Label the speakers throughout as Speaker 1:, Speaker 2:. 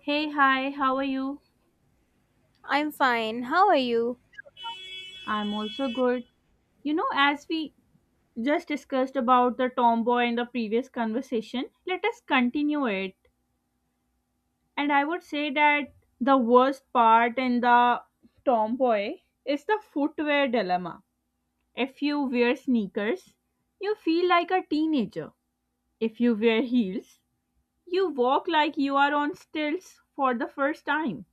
Speaker 1: Hey, hi, how are you?
Speaker 2: I'm fine. How are you?
Speaker 1: I'm also good. You know, as we just discussed about the tomboy in the previous conversation, let us continue it. And I would say that the worst part in the tomboy is the footwear dilemma. If you wear sneakers, you feel like a teenager. If you wear heels, you walk like you are on stilts for the first time.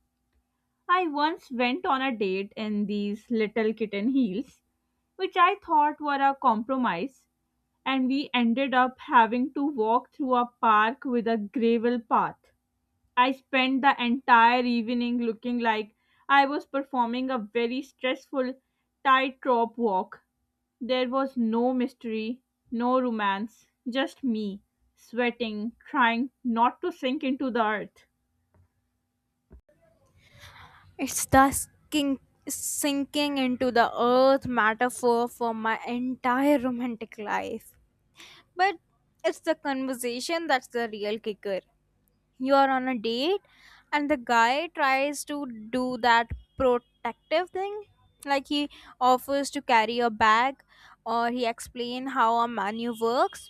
Speaker 1: I once went on a date in these little kitten heels, which I thought were a compromise, and we ended up having to walk through a park with a gravel path. I spent the entire evening looking like I was performing a very stressful tightrope walk. There was no mystery, no romance, just me, sweating, trying not to sink into the earth.
Speaker 2: It's the sinking into the earth metaphor for my entire romantic life. But it's the conversation that's the real kicker. You're on a date, and the guy tries to do that protective thing. Like he offers to carry your bag, or he explain how a menu works.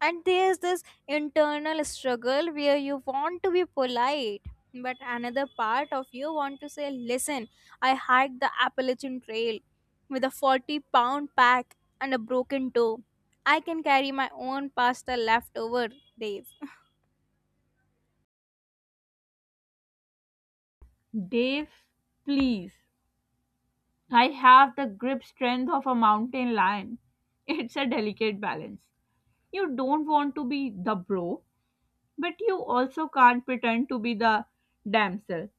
Speaker 2: And there's this internal struggle where you want to be polite but another part of you want to say, listen, I hiked the Appalachian Trail with a 40 pound pack and a broken toe. I can carry my own pasta leftover days.
Speaker 1: Dave, please, I have the grip strength of a mountain lion. It's a delicate balance. You don't want to be the bro, but you also can't pretend to be the damsel.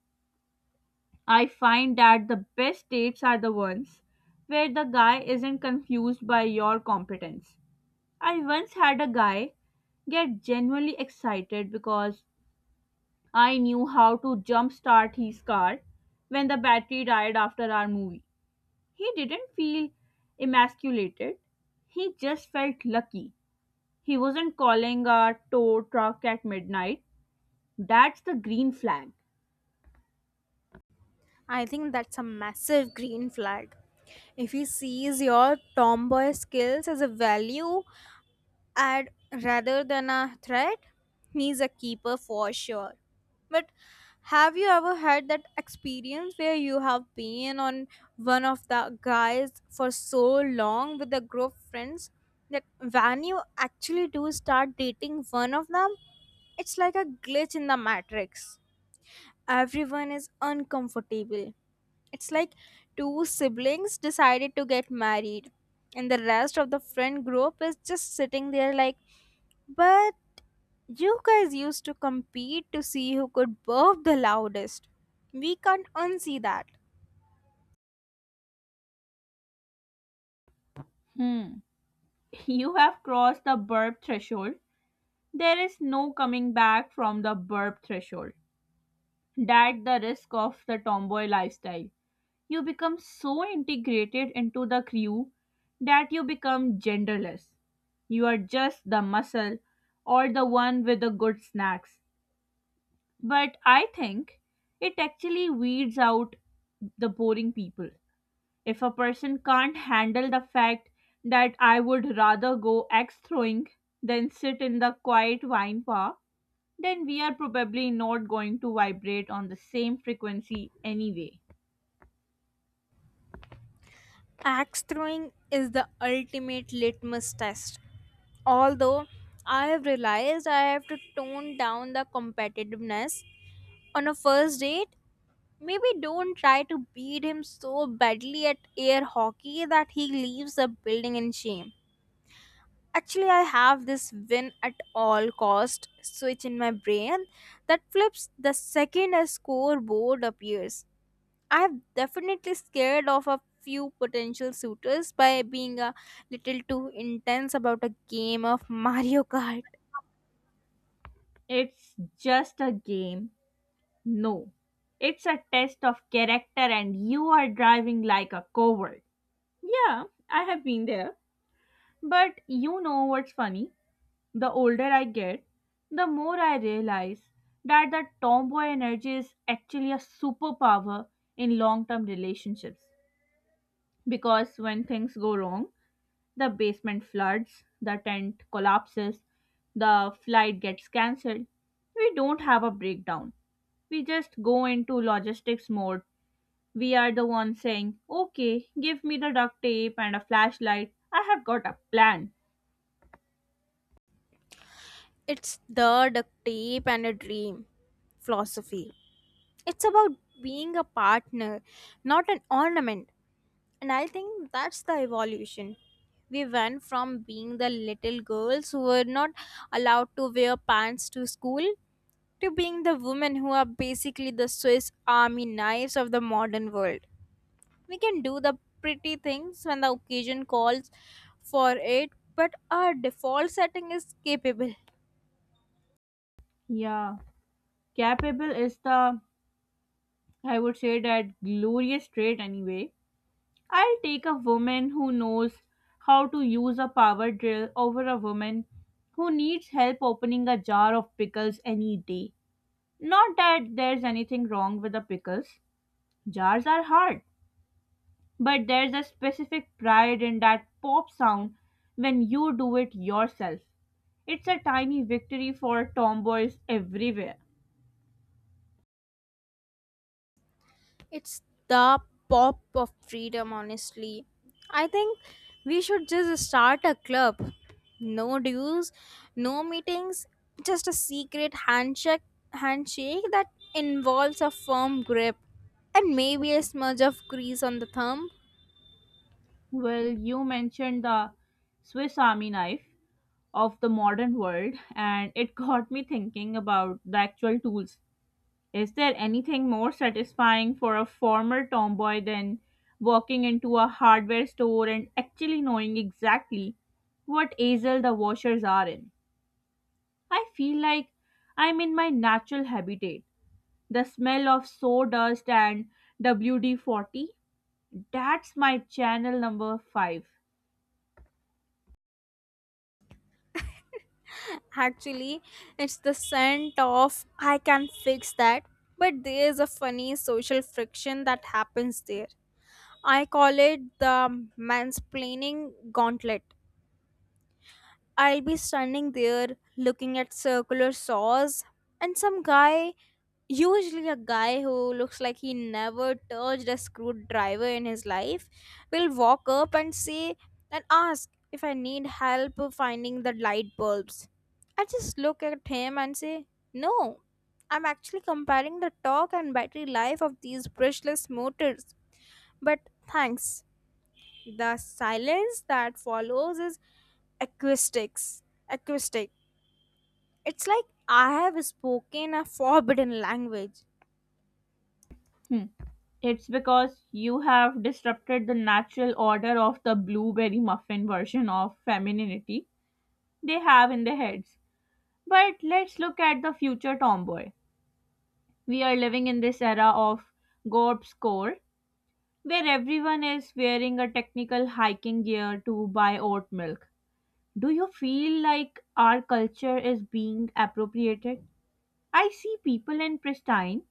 Speaker 1: I find that the best dates are the ones where the guy isn't confused by your competence. I once had a guy get genuinely excited because I knew how to jumpstart his car when the battery died after our movie. He didn't feel emasculated, he just felt lucky. He wasn't calling a tow truck at midnight. That's the green flag.
Speaker 2: I think that's a massive green flag. If he sees your tomboy skills as a value add rather than a threat, he's a keeper for sure. But have you ever had that experience where you have been on one of the guys for so long with a group of friends that when you actually do start dating one of them, it's like a glitch in the matrix. Everyone is uncomfortable. It's like two siblings decided to get married, and the rest of the friend group is just sitting there like, but you guys used to compete to see who could burp the loudest. We can't unsee that.
Speaker 1: Hmm. You have crossed the burp threshold. There is no coming back from the burp threshold. That's the risk of the tomboy lifestyle. You become so integrated into the crew that you become genderless. You are just the muscle or the one with the good snacks. But I think it actually weeds out the boring people. If a person can't handle the fact that I would rather go axe throwing than sit in the quiet wine bar, then we are probably not going to vibrate on the same frequency anyway.
Speaker 2: Axe throwing is the ultimate litmus test. Although I have realized I have to tone down the competitiveness on a first date. Maybe don't try to beat him so badly at air hockey that he leaves the building in shame. Actually, I have this win at all cost switch in my brain that flips the second a scoreboard appears. I've definitely scared off a few potential suitors by being a little too intense about a game of Mario Kart.
Speaker 1: It's just a game. No. It's a test of character, and you are driving like a coward. Yeah, I have been there. But you know what's funny? The older I get, the more I realize that the tomboy energy is actually a superpower in long term relationships. Because when things go wrong, the basement floods, the tent collapses, the flight gets cancelled. We don't have a breakdown. We just go into logistics mode. We are the ones saying, okay, give me the duct tape and a flashlight. I have got a plan.
Speaker 2: It's the duct tape and a dream philosophy. It's about being a partner, not an ornament. And I think that's the evolution. We went from being the little girls who were not allowed to wear pants to school to being the women who are basically the Swiss army knives of the modern world. We can do the pretty things when the occasion calls for it, but our default setting is capable.
Speaker 1: Yeah. Capable is the, I would say, that glorious trait anyway. I'll take a woman who knows how to use a power drill over a woman who needs help opening a jar of pickles any day. Not that there's anything wrong with the pickles. Jars are hard, but there's a specific pride in that pop sound when you do it yourself. It's a tiny victory for tomboys everywhere.
Speaker 2: It's the pop of freedom, honestly. I think we should just start a club. No dues, no meetings, just a secret handshake that involves a firm grip and maybe a smudge of grease on the thumb.
Speaker 1: Well, you mentioned the Swiss Army knife of the modern world, and it got me thinking about the actual tools. Is there anything more satisfying for a former tomboy than walking into a hardware store and actually knowing exactly what aisle the washers are in? I feel like I'm in my natural habitat. The smell of sawdust and WD 40, that's my channel number 5.
Speaker 2: Actually, it's the scent of I can fix that. But there is a funny social friction that happens there. I call it the mansplaining gauntlet. I'll be standing there looking at circular saws, and some guy, usually a guy who looks like he never touched a screwdriver in his life, will walk up and say and ask if I need help finding the light bulbs. I just look at him and say, no, I'm actually comparing the torque and battery life of these brushless motors, but thanks. The silence that follows is acoustics. Acoustic. It's like I have spoken a forbidden language.
Speaker 1: Hmm. It's because you have disrupted the natural order of the blueberry muffin version of femininity they have in their heads. But let's look at the future tomboy. We are living in this era of GORP's core, where everyone is wearing a technical hiking gear to buy oat milk. Do you feel like our culture is being appropriated? I see people in pristine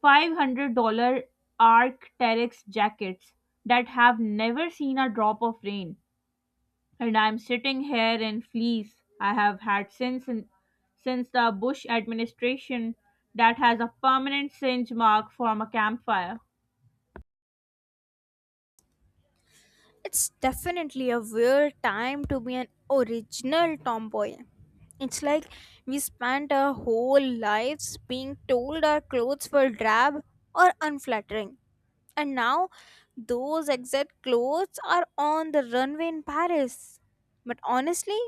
Speaker 1: $500 Arc'teryx jackets that have never seen a drop of rain. And I'm sitting here in fleece I have had since the Bush administration that has a permanent singe mark from a campfire.
Speaker 2: It's definitely a weird time to be an original tomboy. It's like we spent our whole lives being told our clothes were drab or unflattering. And now those exact clothes are on the runway in Paris. But honestly,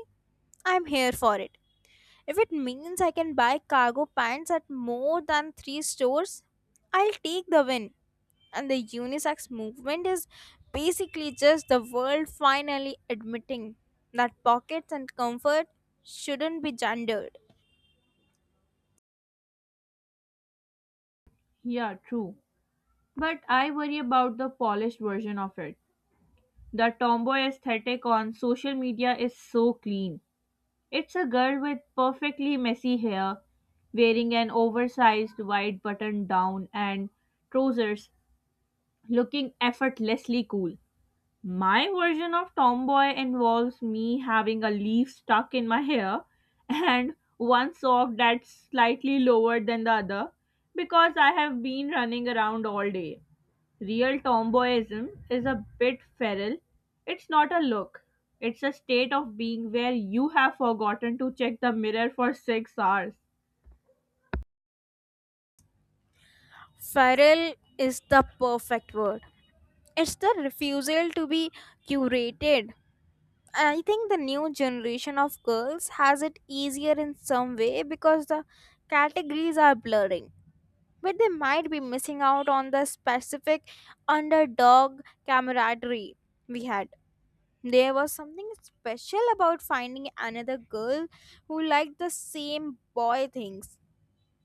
Speaker 2: I'm here for it. If it means I can buy cargo pants at more than three stores, I'll take the win. And the unisex movement is basically just the world finally admitting that pockets and comfort shouldn't be gendered.
Speaker 1: Yeah, true. But I worry about the polished version of it. The tomboy aesthetic on social media is so clean. It's a girl with perfectly messy hair, wearing an oversized white button down and trousers, looking effortlessly cool. My version of tomboy involves me having a leaf stuck in my hair and one sock that's slightly lower than the other because I have been running around all day. Real tomboyism is a bit feral. It's not a look, it's a state of being where you have forgotten to check the mirror for 6 hours.
Speaker 2: Feral is the perfect word. It's the refusal to be curated. I think the new generation of girls has it easier in some way because the categories are blurring, but they might be missing out on the specific underdog camaraderie we had. There was something special about finding another girl who liked the same boy things.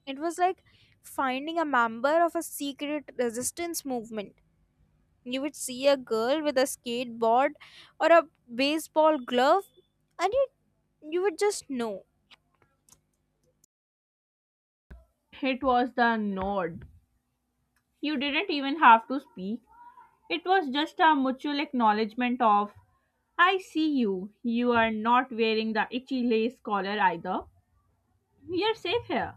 Speaker 2: It was like finding a member of a secret resistance movement. You would see a girl with a skateboard or a baseball glove, and you would just know.
Speaker 1: It was the nod. You didn't even have to speak. It was just a mutual acknowledgement of, I see you. You are not wearing the itchy lace collar either. We are safe here.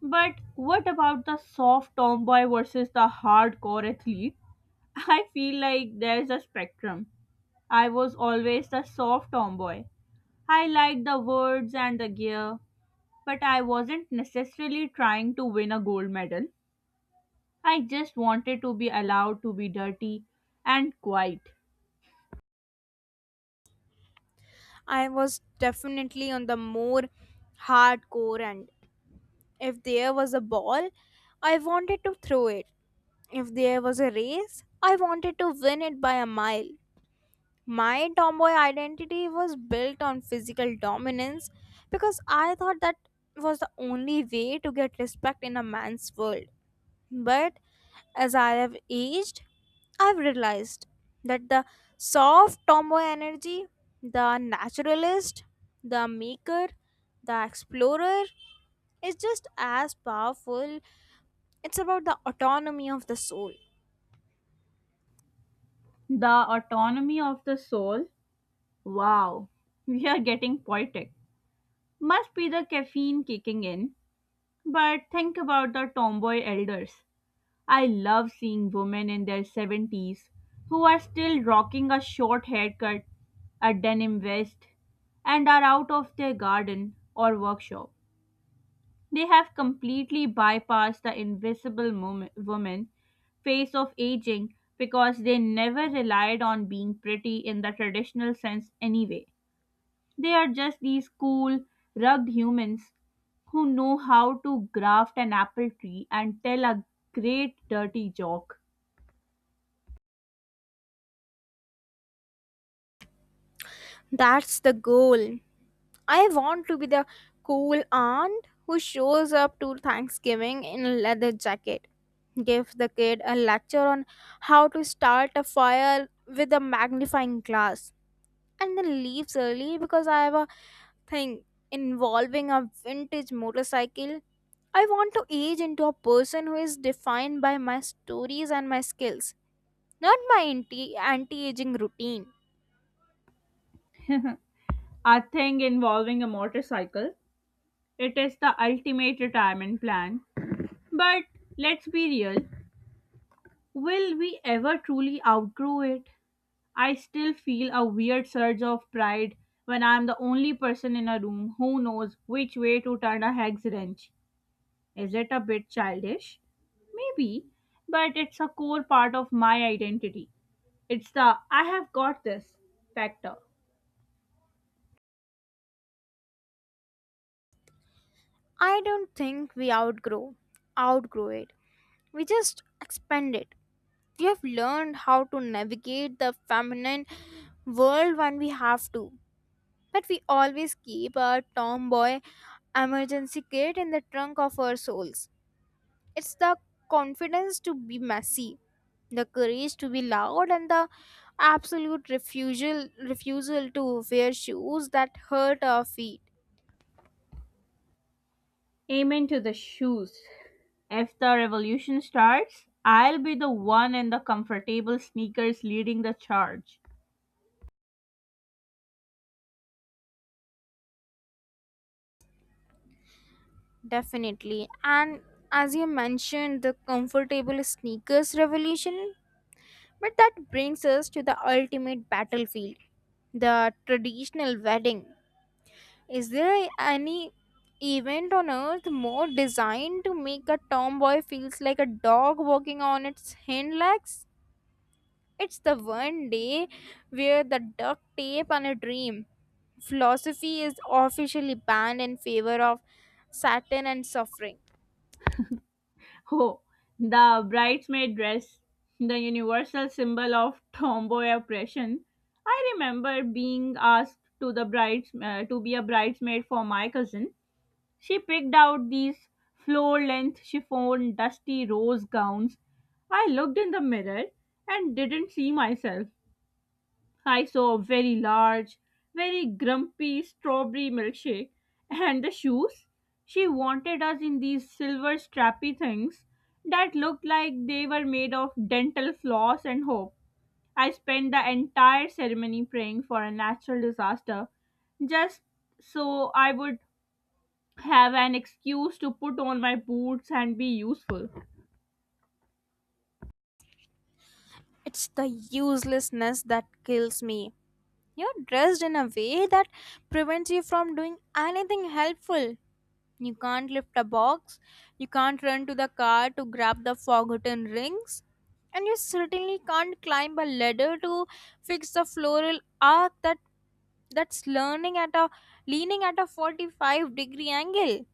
Speaker 1: But what about the soft tomboy versus the hardcore athlete? I feel like there's a spectrum. I was always the soft tomboy. I liked the words and the gear, but I wasn't necessarily trying to win a gold medal. I just wanted to be allowed to be dirty and quiet.
Speaker 2: I was definitely on the more hardcore end. If there was a ball, I wanted to throw it. If there was a race, I wanted to win it by a mile. My tomboy identity was built on physical dominance because I thought that was the only way to get respect in a man's world. But as I have aged, I've realized that the soft tomboy energy, the naturalist, the maker, the explorer, is just as powerful. It's about the autonomy of the soul.
Speaker 1: The autonomy of the soul. Wow, we are getting poetic. Must be the caffeine kicking in. But think about the tomboy elders. I love seeing women in their 70's who are still rocking a short haircut, a denim vest, and are out of their garden or workshop. They have completely bypassed the invisible woman phase of aging because they never relied on being pretty in the traditional sense anyway. They are just these cool, rugged humans who know how to graft an apple tree and tell a great dirty joke.
Speaker 2: That's the goal. I want to be the cool aunt who shows up to Thanksgiving in a leather jacket, gives the kid a lecture on how to start a fire with a magnifying glass, and then leaves early because I have a thing involving a vintage motorcycle. I want to age into a person who is defined by my stories and my skills. Not my anti anti aging routine.
Speaker 1: A thing involving a motorcycle. It is the ultimate retirement plan. But let's be real, will we ever truly outgrow it? I still feel a weird surge of pride when I'm the only person in a room who knows which way to turn a hex wrench. Is it a bit childish? Maybe, but it's a core part of my identity. It's the I have got this factor.
Speaker 2: I don't think we outgrow it. We just expand it. We have learned how to navigate the feminine world when we have to. But we always keep our tomboy emergency kit in the trunk of our souls. It's the confidence to be messy, the courage to be loud, and the absolute refusal to wear shoes that hurt our feet.
Speaker 1: Amen to the shoes. If the revolution starts, I'll be the one in the comfortable sneakers leading the charge.
Speaker 2: Definitely. And as you mentioned, the comfortable sneakers revolution, but that brings us to the ultimate battlefield, the traditional wedding. Is there any event on earth more designed to make a tomboy feels like a dog walking on its hind legs? It's the one day where the duct tape and a dream philosophy is officially banned in favor of satin and suffering.
Speaker 1: Oh, the bridesmaid dress, the universal symbol of tomboy oppression. I remember being asked to the brides to be a bridesmaid for my cousin. She picked out these floor-length chiffon dusty rose gowns. I looked in the mirror and didn't see myself. I saw a very large, very grumpy strawberry milkshake. And the shoes? She wanted us in these silver strappy things that looked like they were made of dental floss and hope. I spent the entire ceremony praying for a natural disaster just so I would have an excuse to put on my boots and be useful.
Speaker 2: It's the uselessness that kills me. You're dressed in a way that prevents you from doing anything helpful. You can't lift a box, you can't run to the car to grab the forgotten rings, and you certainly can't climb a ladder to fix the floral arc that that's learning at a leaning at a 45-degree angle.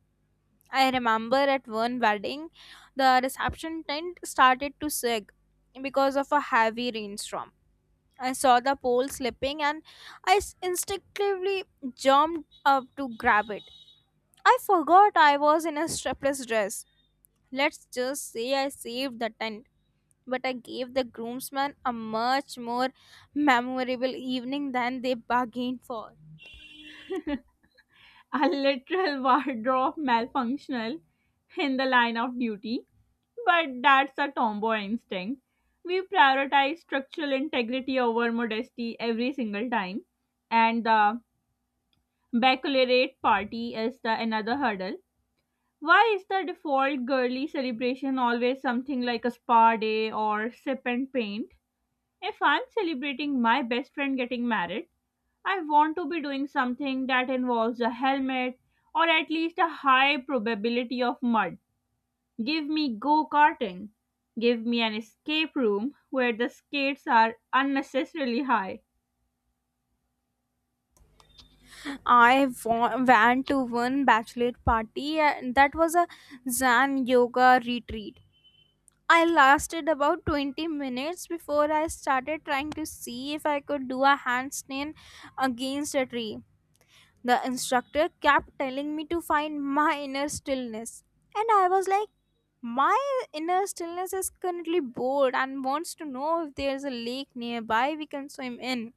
Speaker 2: I remember at one wedding, the reception tent started to sag because of a heavy rainstorm. I saw the pole slipping and I instinctively jumped up to grab it. I forgot I was in a strapless dress. Let's just say I saved the tent, but I gave the groomsmen a much more memorable evening than they bargained for.
Speaker 1: A literal wardrobe malfunctional in the line of duty, but that's a tomboy instinct. We prioritize structural integrity over modesty every single time, and the baccalaureate party is the another hurdle. Why is the default girly celebration always something like a spa day or sip and paint? If I'm celebrating my best friend getting married, I want to be doing something that involves a helmet or at least a high probability of mud. Give me go karting. Give me an escape room where the skates are unnecessarily high.
Speaker 2: I went to one bachelor party and that was a Zen yoga retreat. I lasted about 20 minutes before I started trying to see if I could do a handstand against a tree. The instructor kept telling me to find my inner stillness, and I was like, my inner stillness is currently bored and wants to know if there's a lake nearby we can swim in.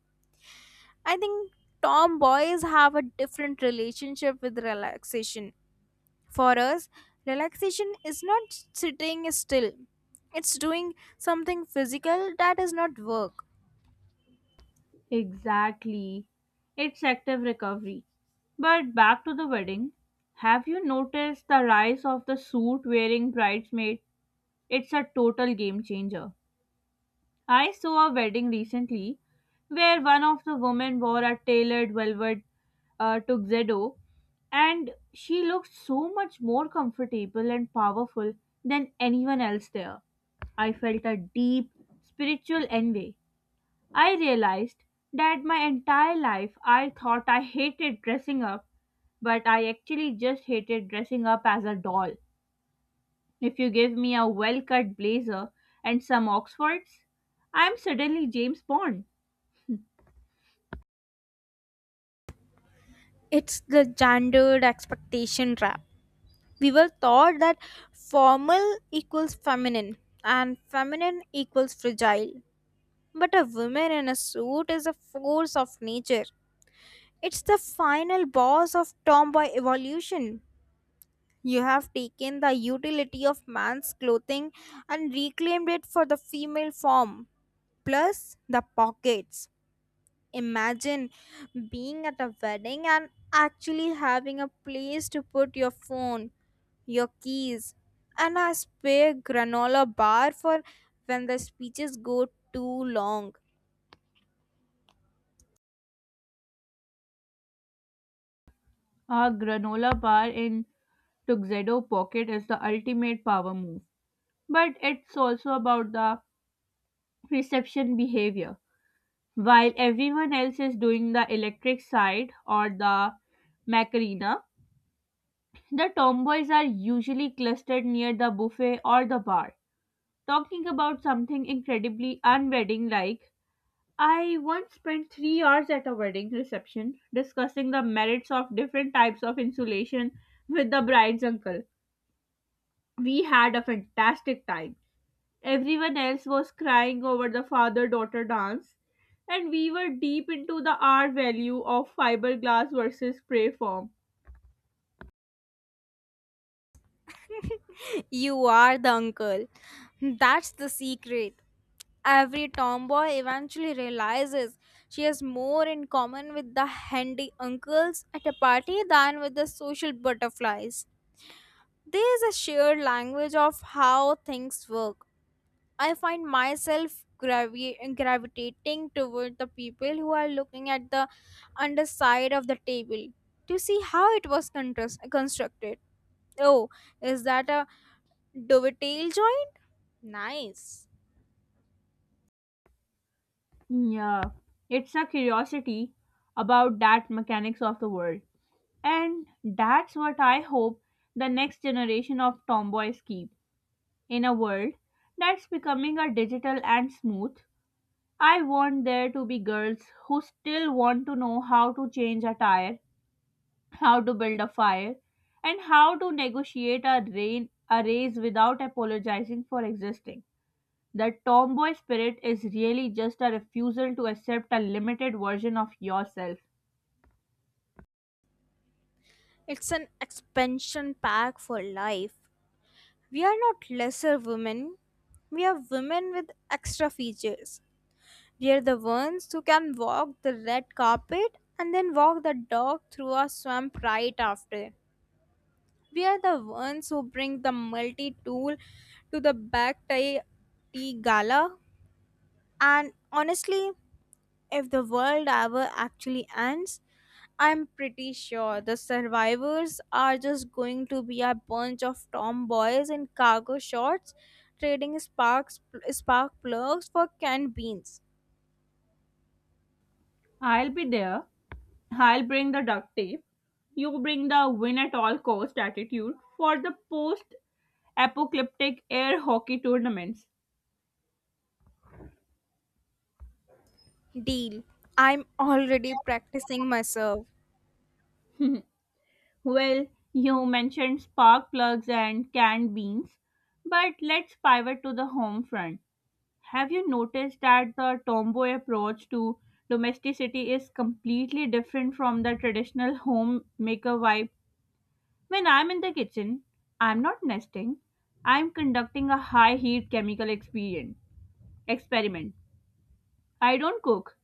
Speaker 2: I think tomboys have a different relationship with relaxation. For us, relaxation is not sitting still, it's doing something physical that is not work.
Speaker 1: Exactly. It's active recovery. But back to the wedding. Have you noticed the rise of the suit wearing bridesmaid? It's a total game changer. I saw a wedding recently where one of the women wore a tailored velvet to Xedo, and she looked so much more comfortable and powerful than anyone else there. I felt a deep spiritual envy. I realized that my entire life I thought I hated dressing up, but I actually just hated dressing up as a doll. If you give me a well cut blazer and some Oxfords, I'm suddenly James Bond.
Speaker 2: It's the gendered expectation trap. We were taught that formal equals feminine and feminine equals fragile. But a woman in a suit is a force of nature. It's the final boss of tomboy evolution. You have taken the utility of man's clothing and reclaimed it for the female form. Plus the pockets. Imagine being at a wedding and actually having a place to put your phone, your keys, and a spare granola bar for when the speeches go too long.
Speaker 1: A granola bar in Tuxedo pocket is the ultimate power move. But it's also about the reception behavior. While everyone else is doing the electric side or the Macarena, the tomboys are usually clustered near the buffet or the bar, talking about something incredibly unwedding like. I once spent 3 hours at a wedding reception discussing the merits of different types of insulation with the bride's uncle. We had a fantastic time. Everyone else was crying over the father daughter dance, and we were deep into the R value of fiberglass versus spray foam.
Speaker 2: You are the uncle. That's the secret. Every tomboy eventually realizes she has more in common with the handy uncles at a party than with the social butterflies. There is a shared language of how things work. I find myself gravitating toward the people who are looking at the underside of the table to see how it was constructed. Oh, is that a dovetail joint? Nice.
Speaker 1: Yeah, it's a curiosity about that mechanics of the world. And that's what I hope the next generation of tomboys keep. In a world that's becoming a digital and smooth, I want there to be girls who still want to know how to change a tire, how to build a fire, and how to negotiate a raise without apologizing for existing. The tomboy spirit is really just a refusal to accept a limited version of yourself.
Speaker 2: It's an expansion pack for life. We are not lesser women. We are women with extra features. We are the ones who can walk the red carpet and then walk the dog through a swamp right after. We are the ones who bring the multi tool to the back tie tea gala. And honestly, if the world ever actually ends, I'm pretty sure the survivors are just going to be a bunch of tomboys in cargo shorts trading spark plugs for canned beans.
Speaker 1: I'll be there. I'll bring the duct tape. You bring the win at all cost attitude for the post apocalyptic air hockey tournaments.
Speaker 2: Deal. I'm already practicing myself.
Speaker 1: Well, you mentioned spark plugs and canned beans, but let's pivot to the home front. Have you noticed that the tomboy approach to domesticity is completely different from the traditional homemaker vibe? When I'm in the kitchen, I'm not nesting. I'm conducting a high heat chemical experiment. I don't cook.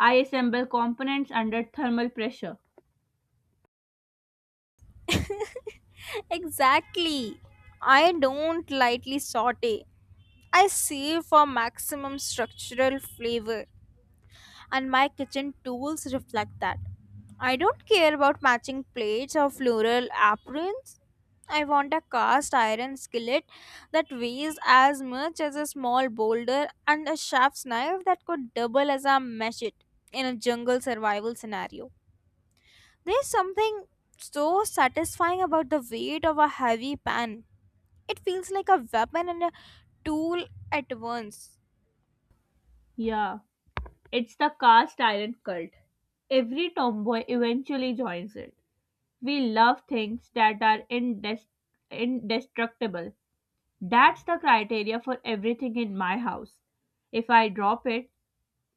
Speaker 1: I assemble components under thermal pressure.
Speaker 2: Exactly. I don't lightly saute. I save for maximum structural flavor, and my kitchen tools reflect that. I don't care about matching plates or floral aprons. I want a cast iron skillet that weighs as much as a small boulder and a chef's knife that could double as a machete in a jungle survival scenario. There's something so satisfying about the weight of a heavy pan. It feels like a weapon and a tool at once.
Speaker 1: Yeah, it's the cast iron cult. Every tomboy eventually joins it. We love things that are indestructible. That's the criteria for everything in my house. If I drop it,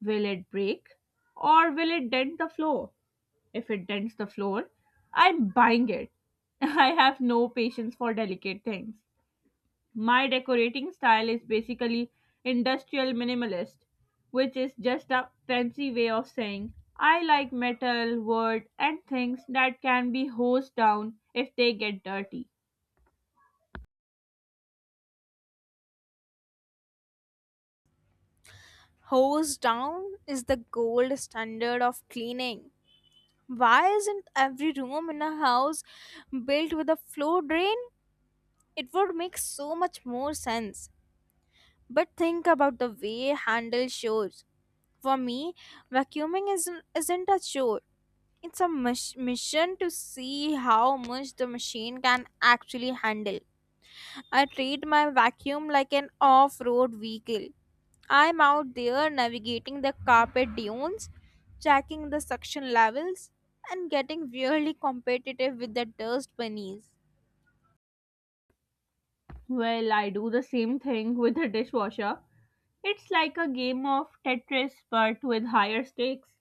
Speaker 1: will it break? Or will it dent the floor? If it dents the floor, I'm buying it. I have no patience for delicate things. My decorating style is basically industrial minimalist, which is just a fancy way of saying I like metal, wood, and things that can be hosed down if they get dirty.
Speaker 2: Hose down is the gold standard of cleaning. Why isn't every room in a house built with a flow drain? It would make so much more sense. But think about the way handle shows. For me, vacuuming isn't a chore. It's a mission to see how much the machine can actually handle. I treat my vacuum like an off road vehicle. I'm out there navigating the carpet dunes, checking the suction levels, and getting really competitive with the dust bunnies.
Speaker 1: Well, I do the same thing with the dishwasher. It's like a game of Tetris but with higher stakes.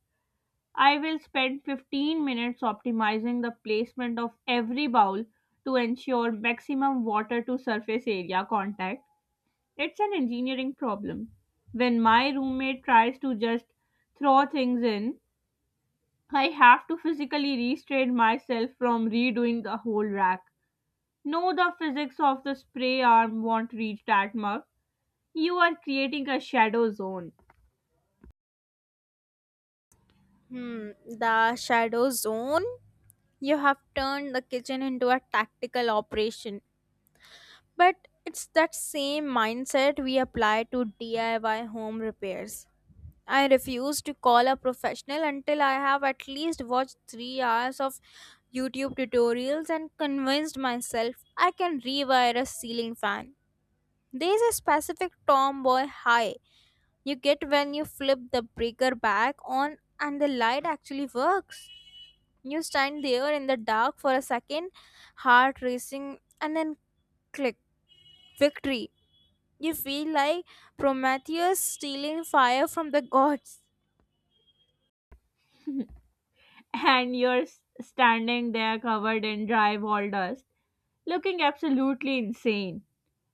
Speaker 1: I will spend 15 minutes optimizing the placement of every bowl to ensure maximum water to surface area contact. It's an engineering problem. When my roommate tries to just throw things in, I have to physically restrain myself from redoing the whole rack. No, the physics of the spray arm won't reach that much, you are creating a shadow zone.
Speaker 2: Hmm, the shadow zone? You have turned the kitchen into a tactical operation. But it's that same mindset we apply to DIY home repairs. I refuse to call a professional until I have at least watched 3 hours of YouTube tutorials and convinced myself I can rewire a ceiling fan. There's a specific tomboy high you get when you flip the breaker back on and the light actually works. You stand there in the dark for a second, heart racing, and then click, victory. You feel like Prometheus stealing fire from the gods.
Speaker 1: And you're standing there covered in dry wall dust looking absolutely insane.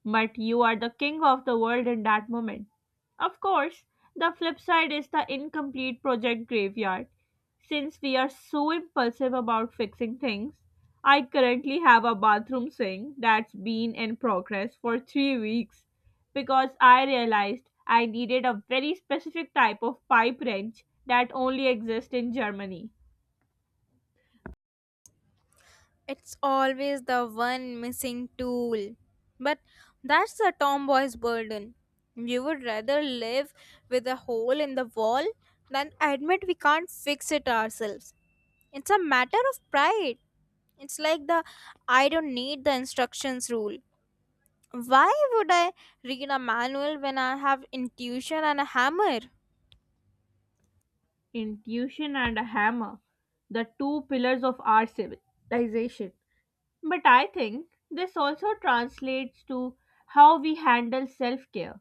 Speaker 1: But you are the king of the world in that moment. Of course, the flip side is the incomplete project graveyard. Since we are so impulsive about fixing things, I currently have a bathroom sink that's been in progress for 3 weeks because I realized I needed a very specific type of pipe wrench that only exists in Germany.
Speaker 2: It's always the one missing tool. But that's a tomboy's burden. We would rather live with a hole in the wall than admit we can't fix it ourselves. It's a matter of pride. It's like the I don't need the instructions rule. Why would I read a manual when I have intuition and a hammer?
Speaker 1: Intuition and a hammer, the two pillars of our civilization. But I think this also translates to how we handle self care.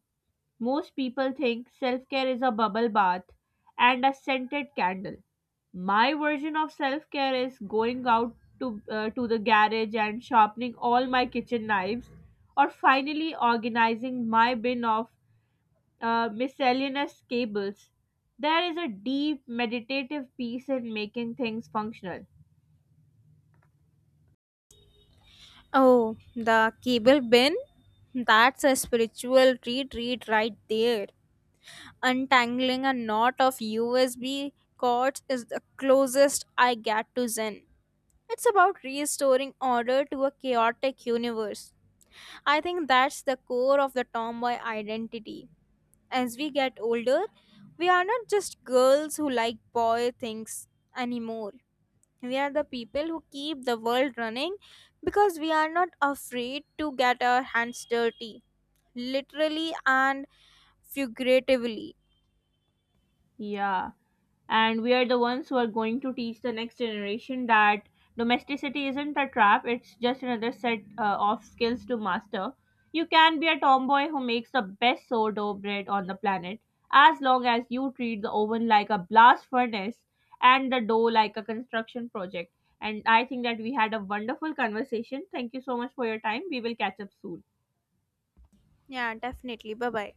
Speaker 1: Most people think self care is a bubble bath and a scented candle. My version of self care is going out to the garage and sharpening all my kitchen knives or finally organizing my bin of miscellaneous cables. There is a deep meditative peace in making things functional.
Speaker 2: Oh, the cable bin? That's a spiritual retreat right there. Untangling a knot of USB cords is the closest I get to Zen. It's about restoring order to a chaotic universe. I think that's the core of the tomboy identity. As we get older, we are not just girls who like boy things anymore. We are the people who keep the world running because we are not afraid to get our hands dirty, literally and figuratively.
Speaker 1: Yeah. And we are the ones who are going to teach the next generation that domesticity isn't a trap, it's just another set of skills to master. You can be a tomboy who makes the best sourdough bread on the planet as long as you treat the oven like a blast furnace and the dough like a construction project. And I think that we had a wonderful conversation. Thank you so much for your time. We will catch up soon.
Speaker 2: Yeah, definitely. Bye bye.